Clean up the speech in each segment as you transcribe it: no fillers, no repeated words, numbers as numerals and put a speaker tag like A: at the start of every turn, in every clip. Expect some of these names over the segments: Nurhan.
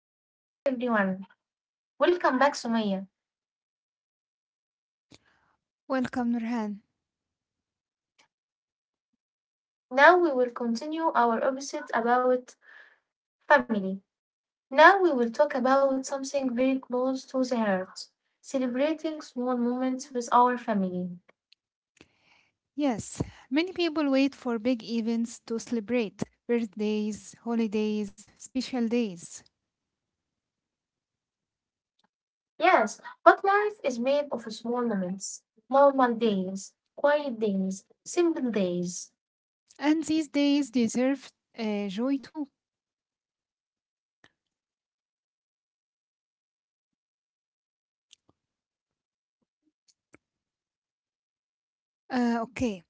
A: Welcome back, everyone. Welcome back, Sumaya.
B: Welcome, Nurhan.
A: Now we will continue our episode about family. Now we will talk about something very close to the heart, celebrating small moments with our family.
B: Yes, many people wait for big events to celebrate birthdays, holidays, special days.
A: Yes, but life is made of small moments, normal days, quiet days, simple days.
B: And these days deserve joy too. Okay.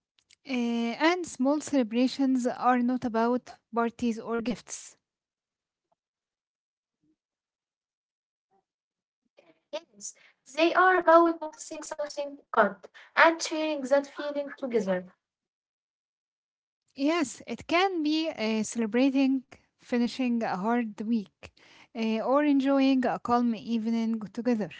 B: And small celebrations are not about parties or gifts.
A: Yes, they are about noticing something good and sharing that feeling together.
B: Yes, it can be celebrating finishing a hard week or enjoying a calm evening together.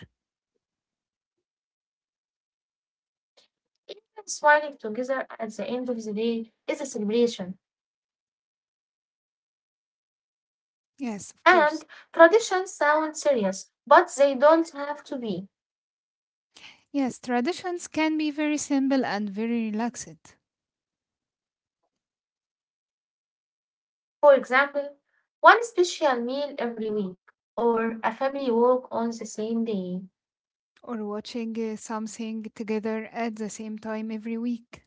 A: Even smiling together at the end of the day is a celebration.
B: Yes, of course.
A: And traditions sound serious, but they don't have to be.
B: Yes, traditions can be very simple and very relaxed.
A: For example, one special meal every week or a family walk on the same day.
B: Or watching something together at the same time every week.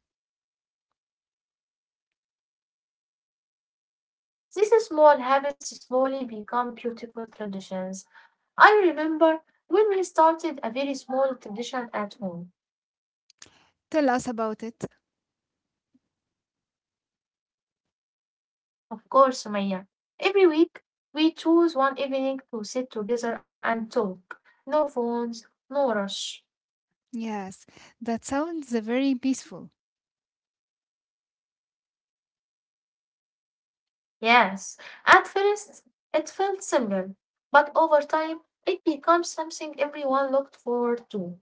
A: These small habits slowly become beautiful traditions. I remember when we started a very small tradition at home.
B: Tell us about it.
A: Of course, Maya. Every week, we choose one evening to sit together and talk. No phones, no rush.
B: Yes, that sounds very peaceful.
A: Yes, at first it felt simple, but over time it becomes something everyone looked forward to.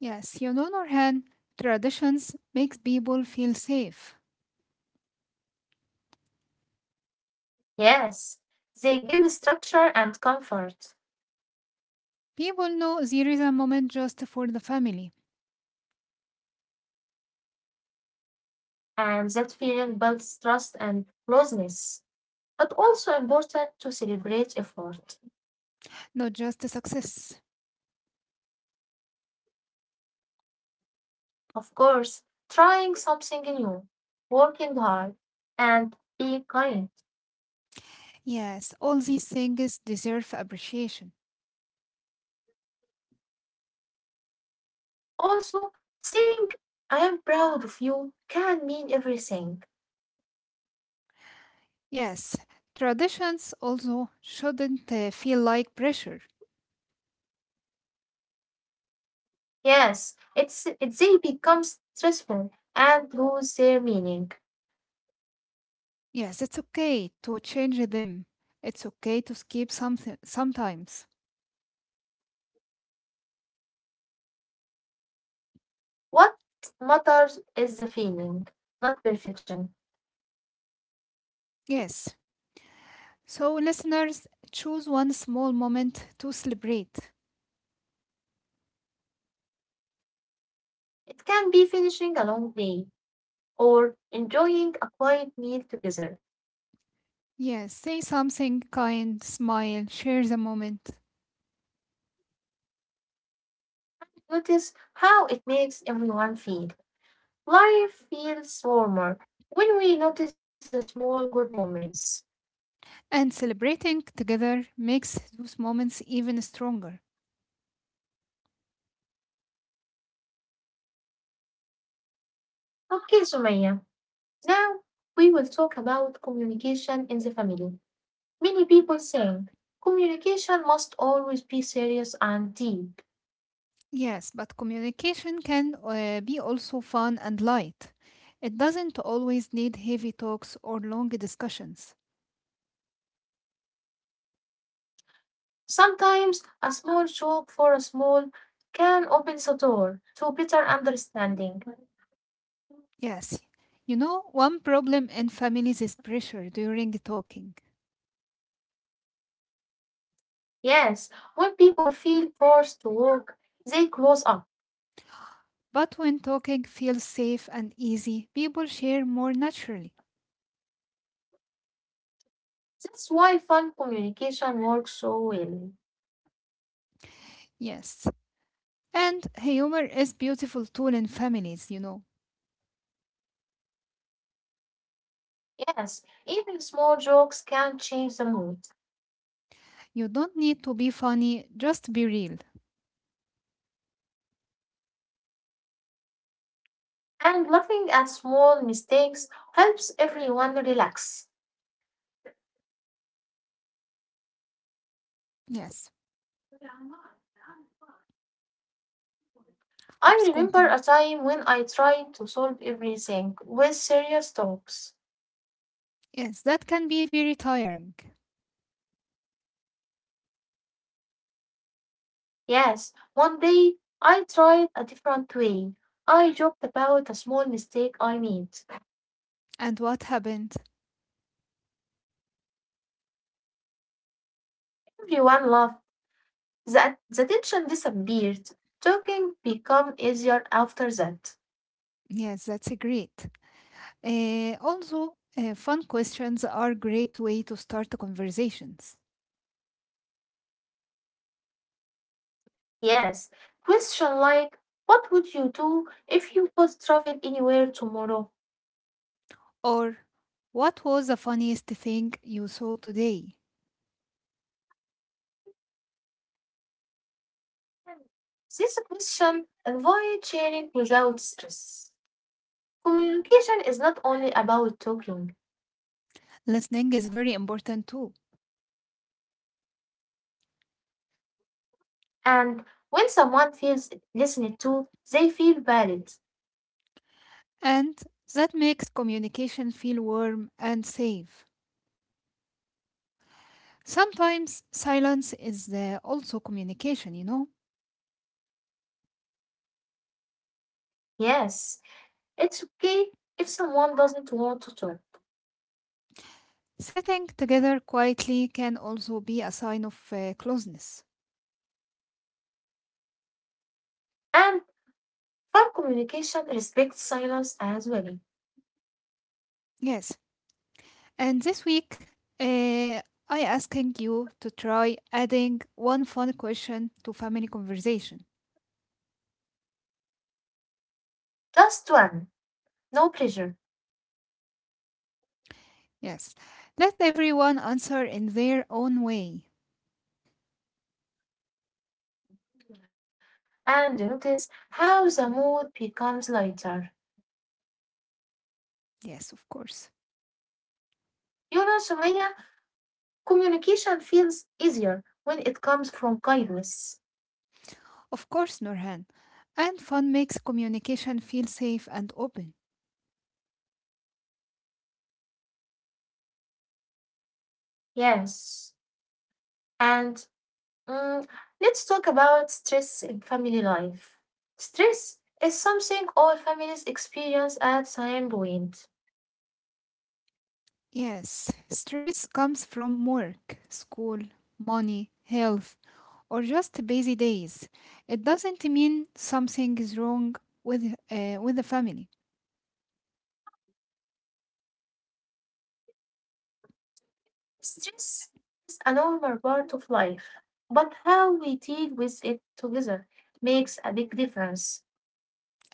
B: Yes, Norhan, traditions makes people feel safe.
A: Yes, they give structure and comfort,
B: People know there is a moment just for the family,
A: and that feeling builds trust and closeness. But also important to celebrate effort.
B: not just the success.
A: Of course, trying something new, working hard, and being kind.
B: Yes, all these things deserve appreciation.
A: Also, saying I am proud of you can mean everything.
B: Yes, traditions also shouldn't feel like pressure.
A: Yes, it's they become stressful and lose their meaning.
B: Yes, it's okay to change them. It's okay to skip something sometimes.
A: What matters is the feeling, not perfection.
B: Yes. So, listeners, choose one small moment to celebrate.
A: It can be finishing a long day or enjoying a quiet meal together.
B: Yes, say something kind, smile, share the moment.
A: Notice how it makes everyone feel. Life feels warmer when we notice the small good moments.
B: And celebrating together makes those moments even stronger.
A: Okay, Sumaya. Now we will talk about communication in the family. Many people think communication must always be serious and deep.
B: Yes, but communication can be also fun and light. It doesn't always need heavy talks or long discussions.
A: Sometimes a small joke for a small can open the door to better understanding.
B: Yes. You know, one problem in families is pressure during talking.
A: Yes, when people feel forced to work, they close up.
B: But when talking feels safe and easy, people share more naturally.
A: That's why fun communication works so well.
B: Yes. And humor is beautiful tool in families, you know.
A: Yes, even small jokes can change the mood,
B: You don't need to be funny, just be real.
A: and laughing at small mistakes helps everyone relax.
B: Yes, of
A: I
B: course,
A: remember
B: continue.
A: a time when I tried to solve everything with serious talks.
B: Yes, that can be very tiring.
A: Yes, one day I tried a different way. I joked about a small mistake I made.
B: And what happened?
A: Everyone laughed. The tension disappeared. Talking became easier after that.
B: Yes, that's great. Also, fun questions are a great way to start the conversations.
A: Yes, question like, what would you do if you could travel anywhere tomorrow?
B: Or what was the funniest thing you saw today?
A: This question avoid sharing without stress. Communication is not only about talking,
B: Listening is very important too.
A: and when someone feels listened to, they feel valid.
B: And that makes communication feel warm and safe. Sometimes silence is also communication, you know.
A: Yes, it's okay if someone doesn't want to talk.
B: Sitting together quietly can also be a sign of closeness.
A: And from communication, respect silence as well.
B: Yes. And this week, uh, I asking you to try adding one fun question to family conversation.
A: Just one, no pressure.
B: Yes. Let everyone answer in their own way.
A: And notice how the mood becomes lighter.
B: Yes, of course.
A: You know, Sumaya, communication feels easier when it comes from kindness.
B: Of course, Nurhan. And fun makes communication feel safe and open.
A: Yes. And Mm, let's talk about stress in family life. Stress is something all families experience at some point.
B: Yes. Stress comes from work, school, money, health, or just busy days. It doesn't mean something is wrong with the family.
A: Stress is a normal part of life, but how we deal with it together makes a big difference.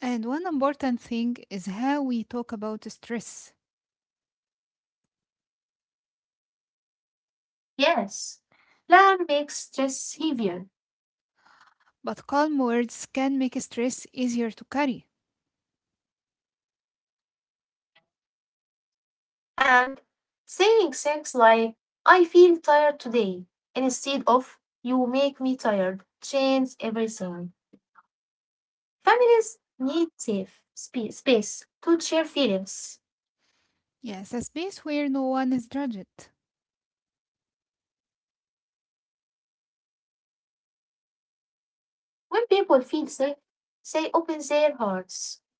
B: And one important thing is how we talk about stress.
A: Yes, plan makes stress heavier,
B: But calm words can make stress easier to carry.
A: and saying things like, I feel tired today, instead of, you make me tired, changes everything. Families need safe space to share feelings.
B: Yes, a space where no one is judged.
A: When people feel safe, they open their hearts.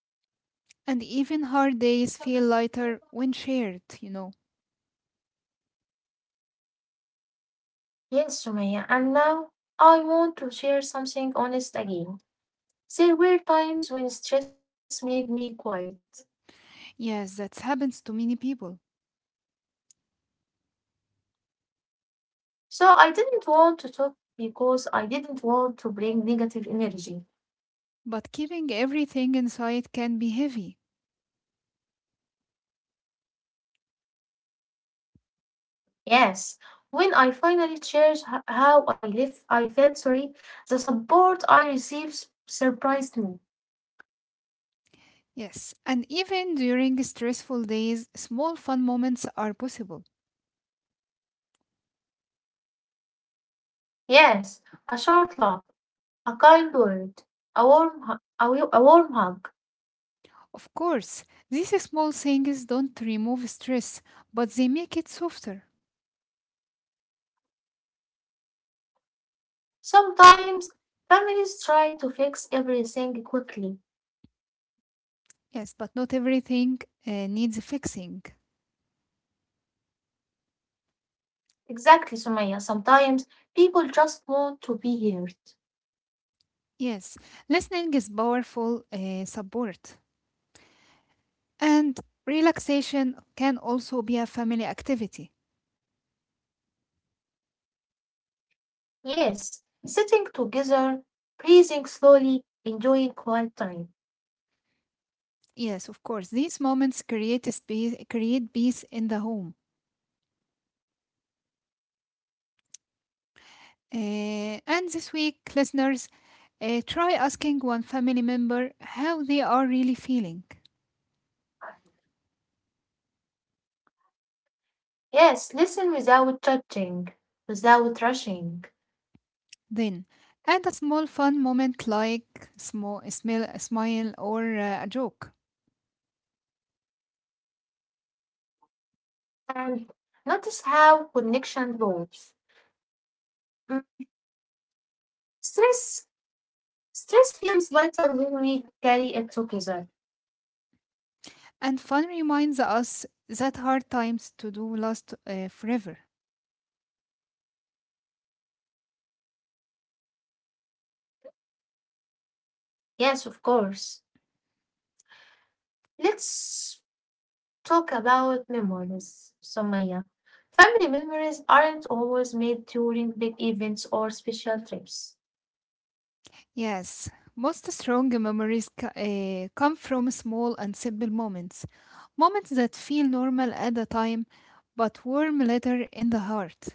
B: And even hard days feel lighter when shared, you know.
A: Yes, Sumaya, and now I want to share something honest again. There were times when stress made me quiet.
B: Yes, that happens to many people.
A: So I didn't want to talk because I didn't want to bring negative energy.
B: But keeping everything inside can be heavy.
A: Yes, when I finally shared how I live, I felt sorry. The support I received surprised me.
B: Yes, and even during stressful days, small fun moments are possible.
A: Yes, a short laugh, a kind word, a warm, hu- a, wi- a warm hug.
B: Of course, these small things don't remove stress, but they make it softer.
A: Sometimes families try to fix everything quickly.
B: Yes, but not everything needs fixing.
A: Exactly, Sumaya. Sometimes people just want to be heard.
B: Yes, listening is powerful support. And relaxation can also be a family activity.
A: Yes, sitting together, breathing slowly, enjoying quiet time.
B: Yes, of course. These moments create a space, create peace in the home. Uh, and this week, listeners, try asking one family member how they are really feeling.
A: Yes, listen without judging, without rushing,
B: Then, add a small fun moment like small, a smile or a joke.
A: and notice how connection grows. Mm, Stress, stress feels lighter when we carry it together.
B: And fun reminds us that hard times to do last forever.
A: Yes, of course. Let's talk about memories, Sumaya. Family memories aren't always made during big events or special trips.
B: Yes, most strong memories come from small and simple moments, moments that feel normal at the time but warm later in the heart.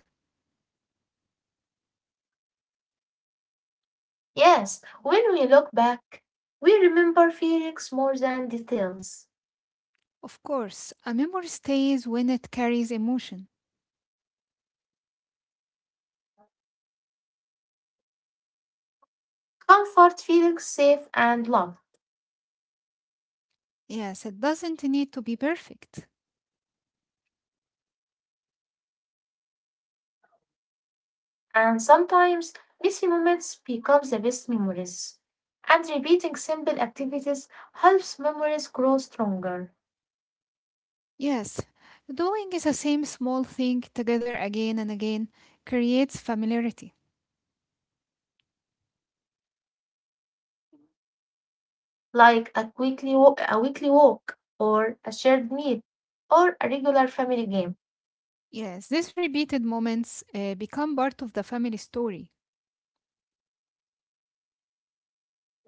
A: Yes, when we look back, we remember feelings more than details.
B: Of course, a memory stays when it carries emotion.
A: Comfort, feelings safe and love.
B: Yes, it doesn't need to be perfect.
A: And sometimes messy moments become the best memories. And repeating simple activities helps memories grow stronger,
B: Yes, doing the same small thing together again and again creates familiarity.
A: like a weekly walk or a shared meal or a regular family game.
B: Yes, these repeated moments become part of the family story.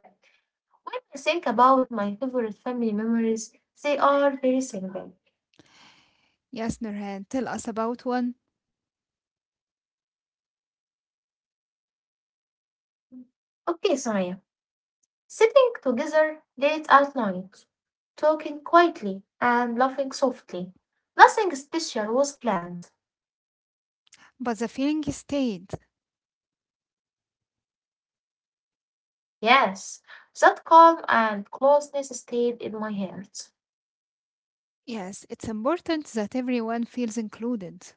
A: When I think about my favorite family memories, they are very simple.
B: Yes, Nurhan, tell us about one.
A: Okay, Samaya. Sitting together late at night, talking quietly and laughing softly. Nothing special was planned.
B: But the feeling stayed.
A: Yes, that calm and closeness stayed in my heart.
B: Yes, it's important that everyone feels included.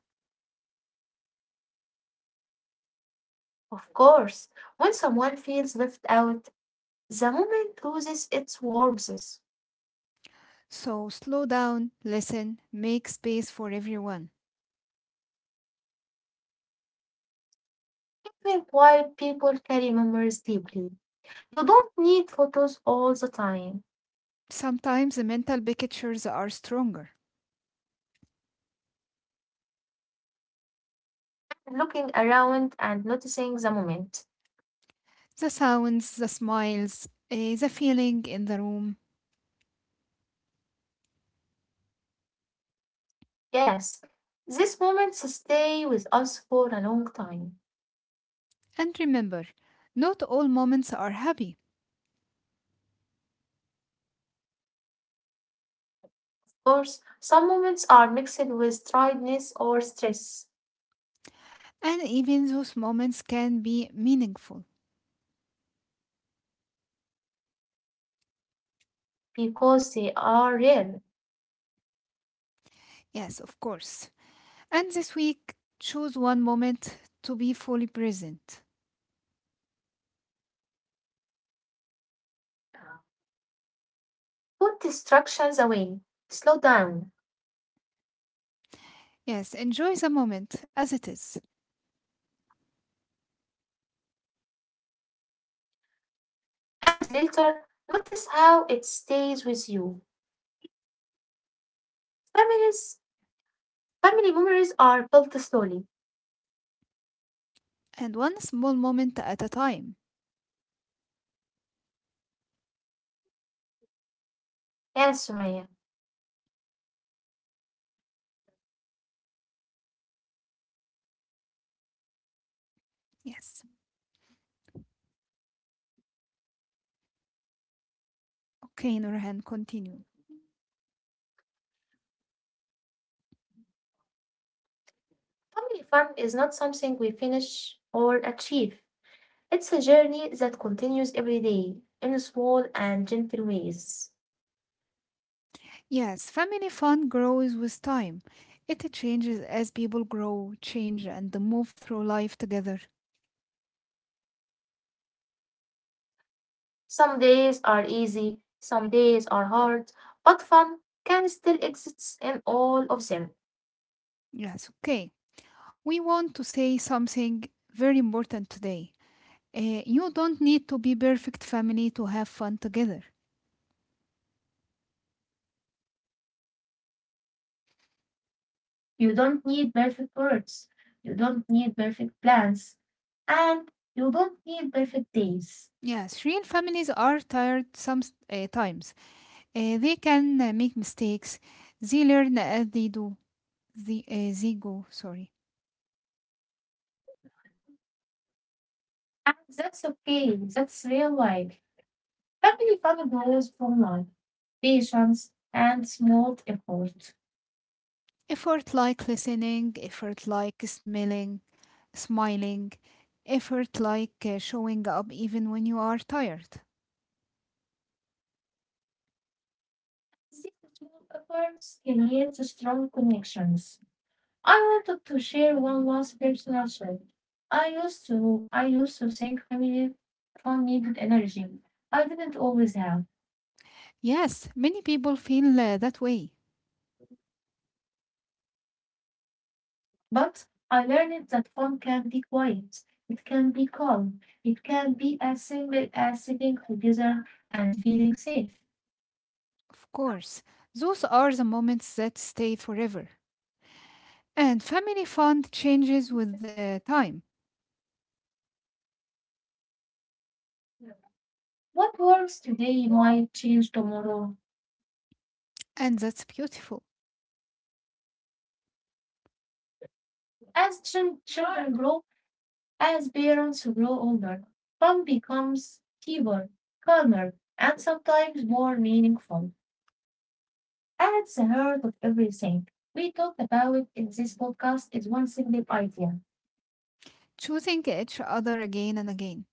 A: Of course, when someone feels left out, the moment loses its warmth.
B: So slow down, listen, make space for everyone.
A: Even quiet people carry memories deeply. You don't need photos all the time.
B: Sometimes the mental pictures are stronger.
A: Looking around and noticing the moment.
B: The sounds, the smiles, the feeling in the room.
A: Yes, these moments stay with us for a long time.
B: And remember, not all moments are happy,
A: Of course, some moments are mixed with tiredness or stress
B: and even those moments can be meaningful.
A: because they are rare.
B: Yes, of course. And this week, choose one moment to be fully present.
A: Put distractions away, slow down,
B: Yes, enjoy the moment as it is.
A: and later notice how it stays with you. Families, family memories are built slowly.
B: And one small moment at a time.
A: Yes, Sumaya.
B: Yes. Okay, Nurhan, continue.
A: Family fun is not something we finish or achieve. It's a journey that continues every day in small and gentle ways.
B: Yes, family fun grows with time. It changes as people grow, change, and move through life together.
A: Some days are easy, some days are hard, but fun can still exist in all of them.
B: Yes, okay. We want to say something very important today. You don't need to be perfect family to have fun together.
A: You don't need perfect words. You don't need perfect plans. And you don't need perfect days.
B: Yes, real families are tired sometimes. Times. They can make mistakes. They learn as they do. They go, sorry.
A: And that's okay. That's real life. Family fun grows from love, patience, and small effort.
B: Effort like listening, effort like smelling, smiling, effort like showing up even when you are tired.
A: These small efforts create strong connections. I wanted to share one last personal story. I used to think family fun needed energy. I didn't always have.
B: Yes, many people feel that way.
A: But I learned that fun can be quiet, it can be calm, it can be as simple as sitting together and feeling safe.
B: Of course, those are the moments that stay forever. And family fund changes with the time,
A: What works today might change tomorrow.
B: and that's beautiful.
A: As children grow, as parents grow older, fun becomes deeper, calmer, and sometimes more meaningful. At the heart of everything we talked about in this podcast is one single idea,
B: Choosing each other again and again,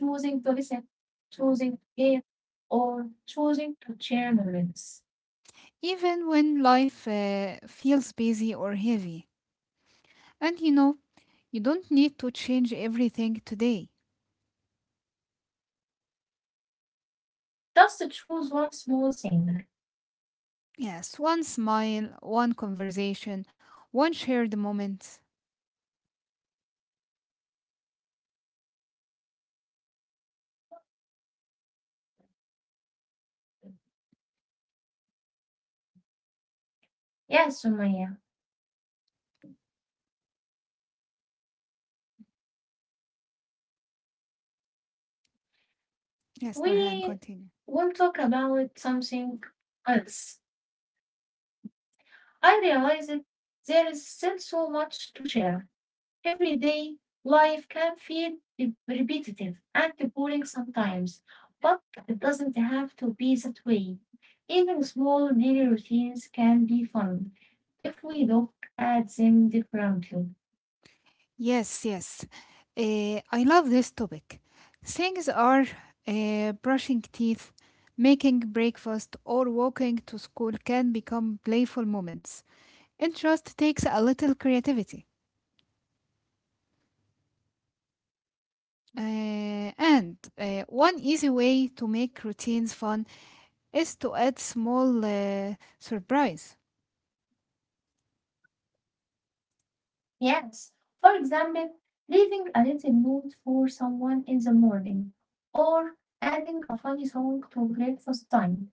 A: choosing to listen, choosing to give, or choosing to share moments.
B: even when life feels busy or heavy. And you know, you don't need to change everything today.
A: Just to choose one small thing.
B: Yes, one smile, one conversation, one shared moment.
A: Yes, Sumaya,
B: Yes,
A: we
B: Nurhan, continue.
A: will talk about something else. I realized there is still so much to share. Everyday life can feel repetitive and boring sometimes, but it doesn't have to be that way. Even small daily routines can be fun if we look at them differently.
B: Yes, yes. I love this topic. Things are brushing teeth, making breakfast, or walking to school can become playful moments. It just takes a little creativity.
A: Hmm.
B: One easy way to make routines fun is to add small surprise.
A: Yes. For example, leaving a little note for someone in the morning or adding a funny song to breakfast time.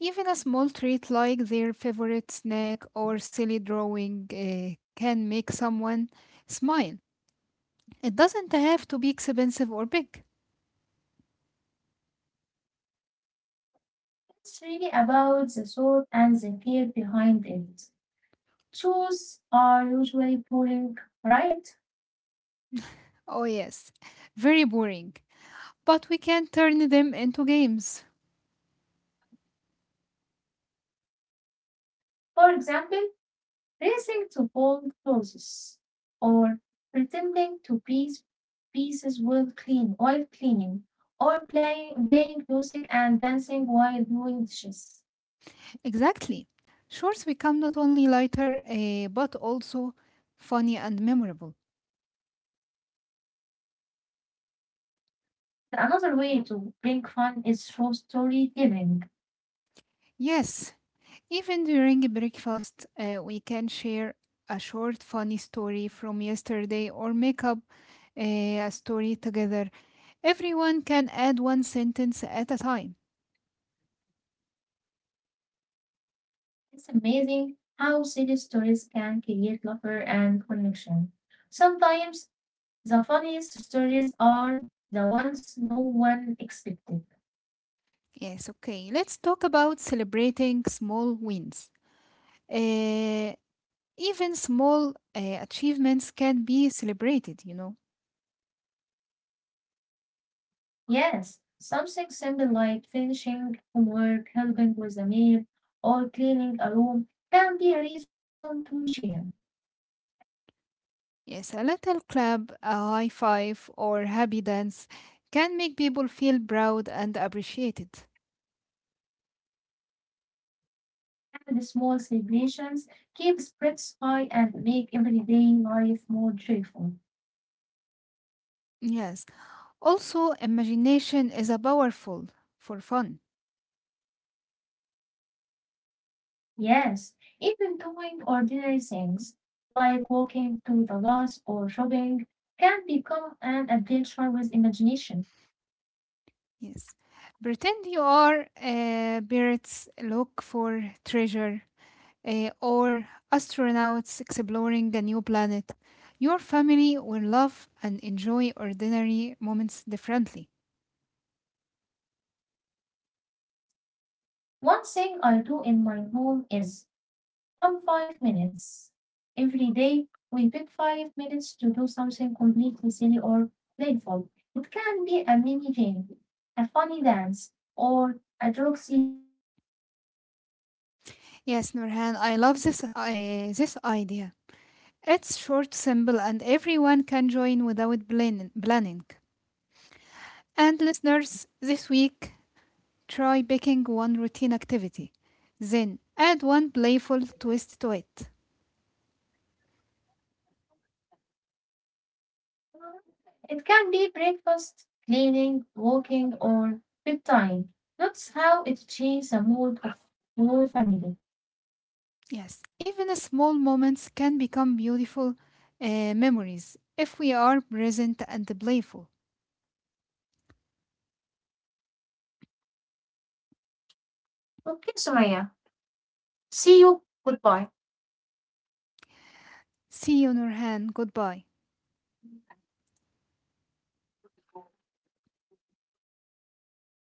B: Even a small treat like their favorite snack or silly drawing can make someone smile. It doesn't have to be expensive or big.
A: It's really about the thought and the care behind it. Shoes are usually boring, right?
B: Oh, yes, very boring. But we can turn them into games.
A: For example, racing to fold clothes or pretending to pieces while cleaning or playing music and dancing while doing dishes.
B: Exactly. Shorts become not only lighter, but also funny and memorable.
A: Another way to bring fun is through storytelling.
B: Yes, even during breakfast, we can share a short funny story from yesterday or make up uh, a story together. Everyone can add one sentence at a time.
A: It's amazing how silly stories can create laughter and connection. Sometimes the funniest stories are the ones no one expected.
B: Yes, okay. Let's talk about celebrating small wins. Uh, even small achievements can be celebrated, you know.
A: Yes, something simple like finishing homework, helping with a meal, or cleaning a room can be a reason to cheer.
B: Yes, a little clap, a high five, or happy dance can make people feel proud and appreciated.
A: And the small celebrations keep spirits high and make everyday life more joyful.
B: Yes, also, imagination is a powerful for fun.
A: Yes, even doing ordinary things like walking to the bus or shopping can become an adventure with imagination.
B: Yes. Pretend you are pirates, look for treasure, or astronauts exploring a new planet. Your family will love and enjoy ordinary moments differently.
A: One thing I do in my home is fun 5 minutes. Every day, we pick 5 minutes to do something completely silly or playful. It can be a mini game, a funny dance, or a sessions,
B: Yes,
A: sorry.
B: Nurhan, I love this this idea. It's short, simple, and everyone can join without planning. And listeners, this week try picking one routine activity, then add one playful twist to it.
A: It can be breakfast, cleaning, walking, or bedtime. That's how it changes the mood of your family.
B: Yes, even small moments can become beautiful memories if we are present and playful.
A: Okay, Sumaya. See you. Goodbye.
B: See you, Nurhan. Goodbye.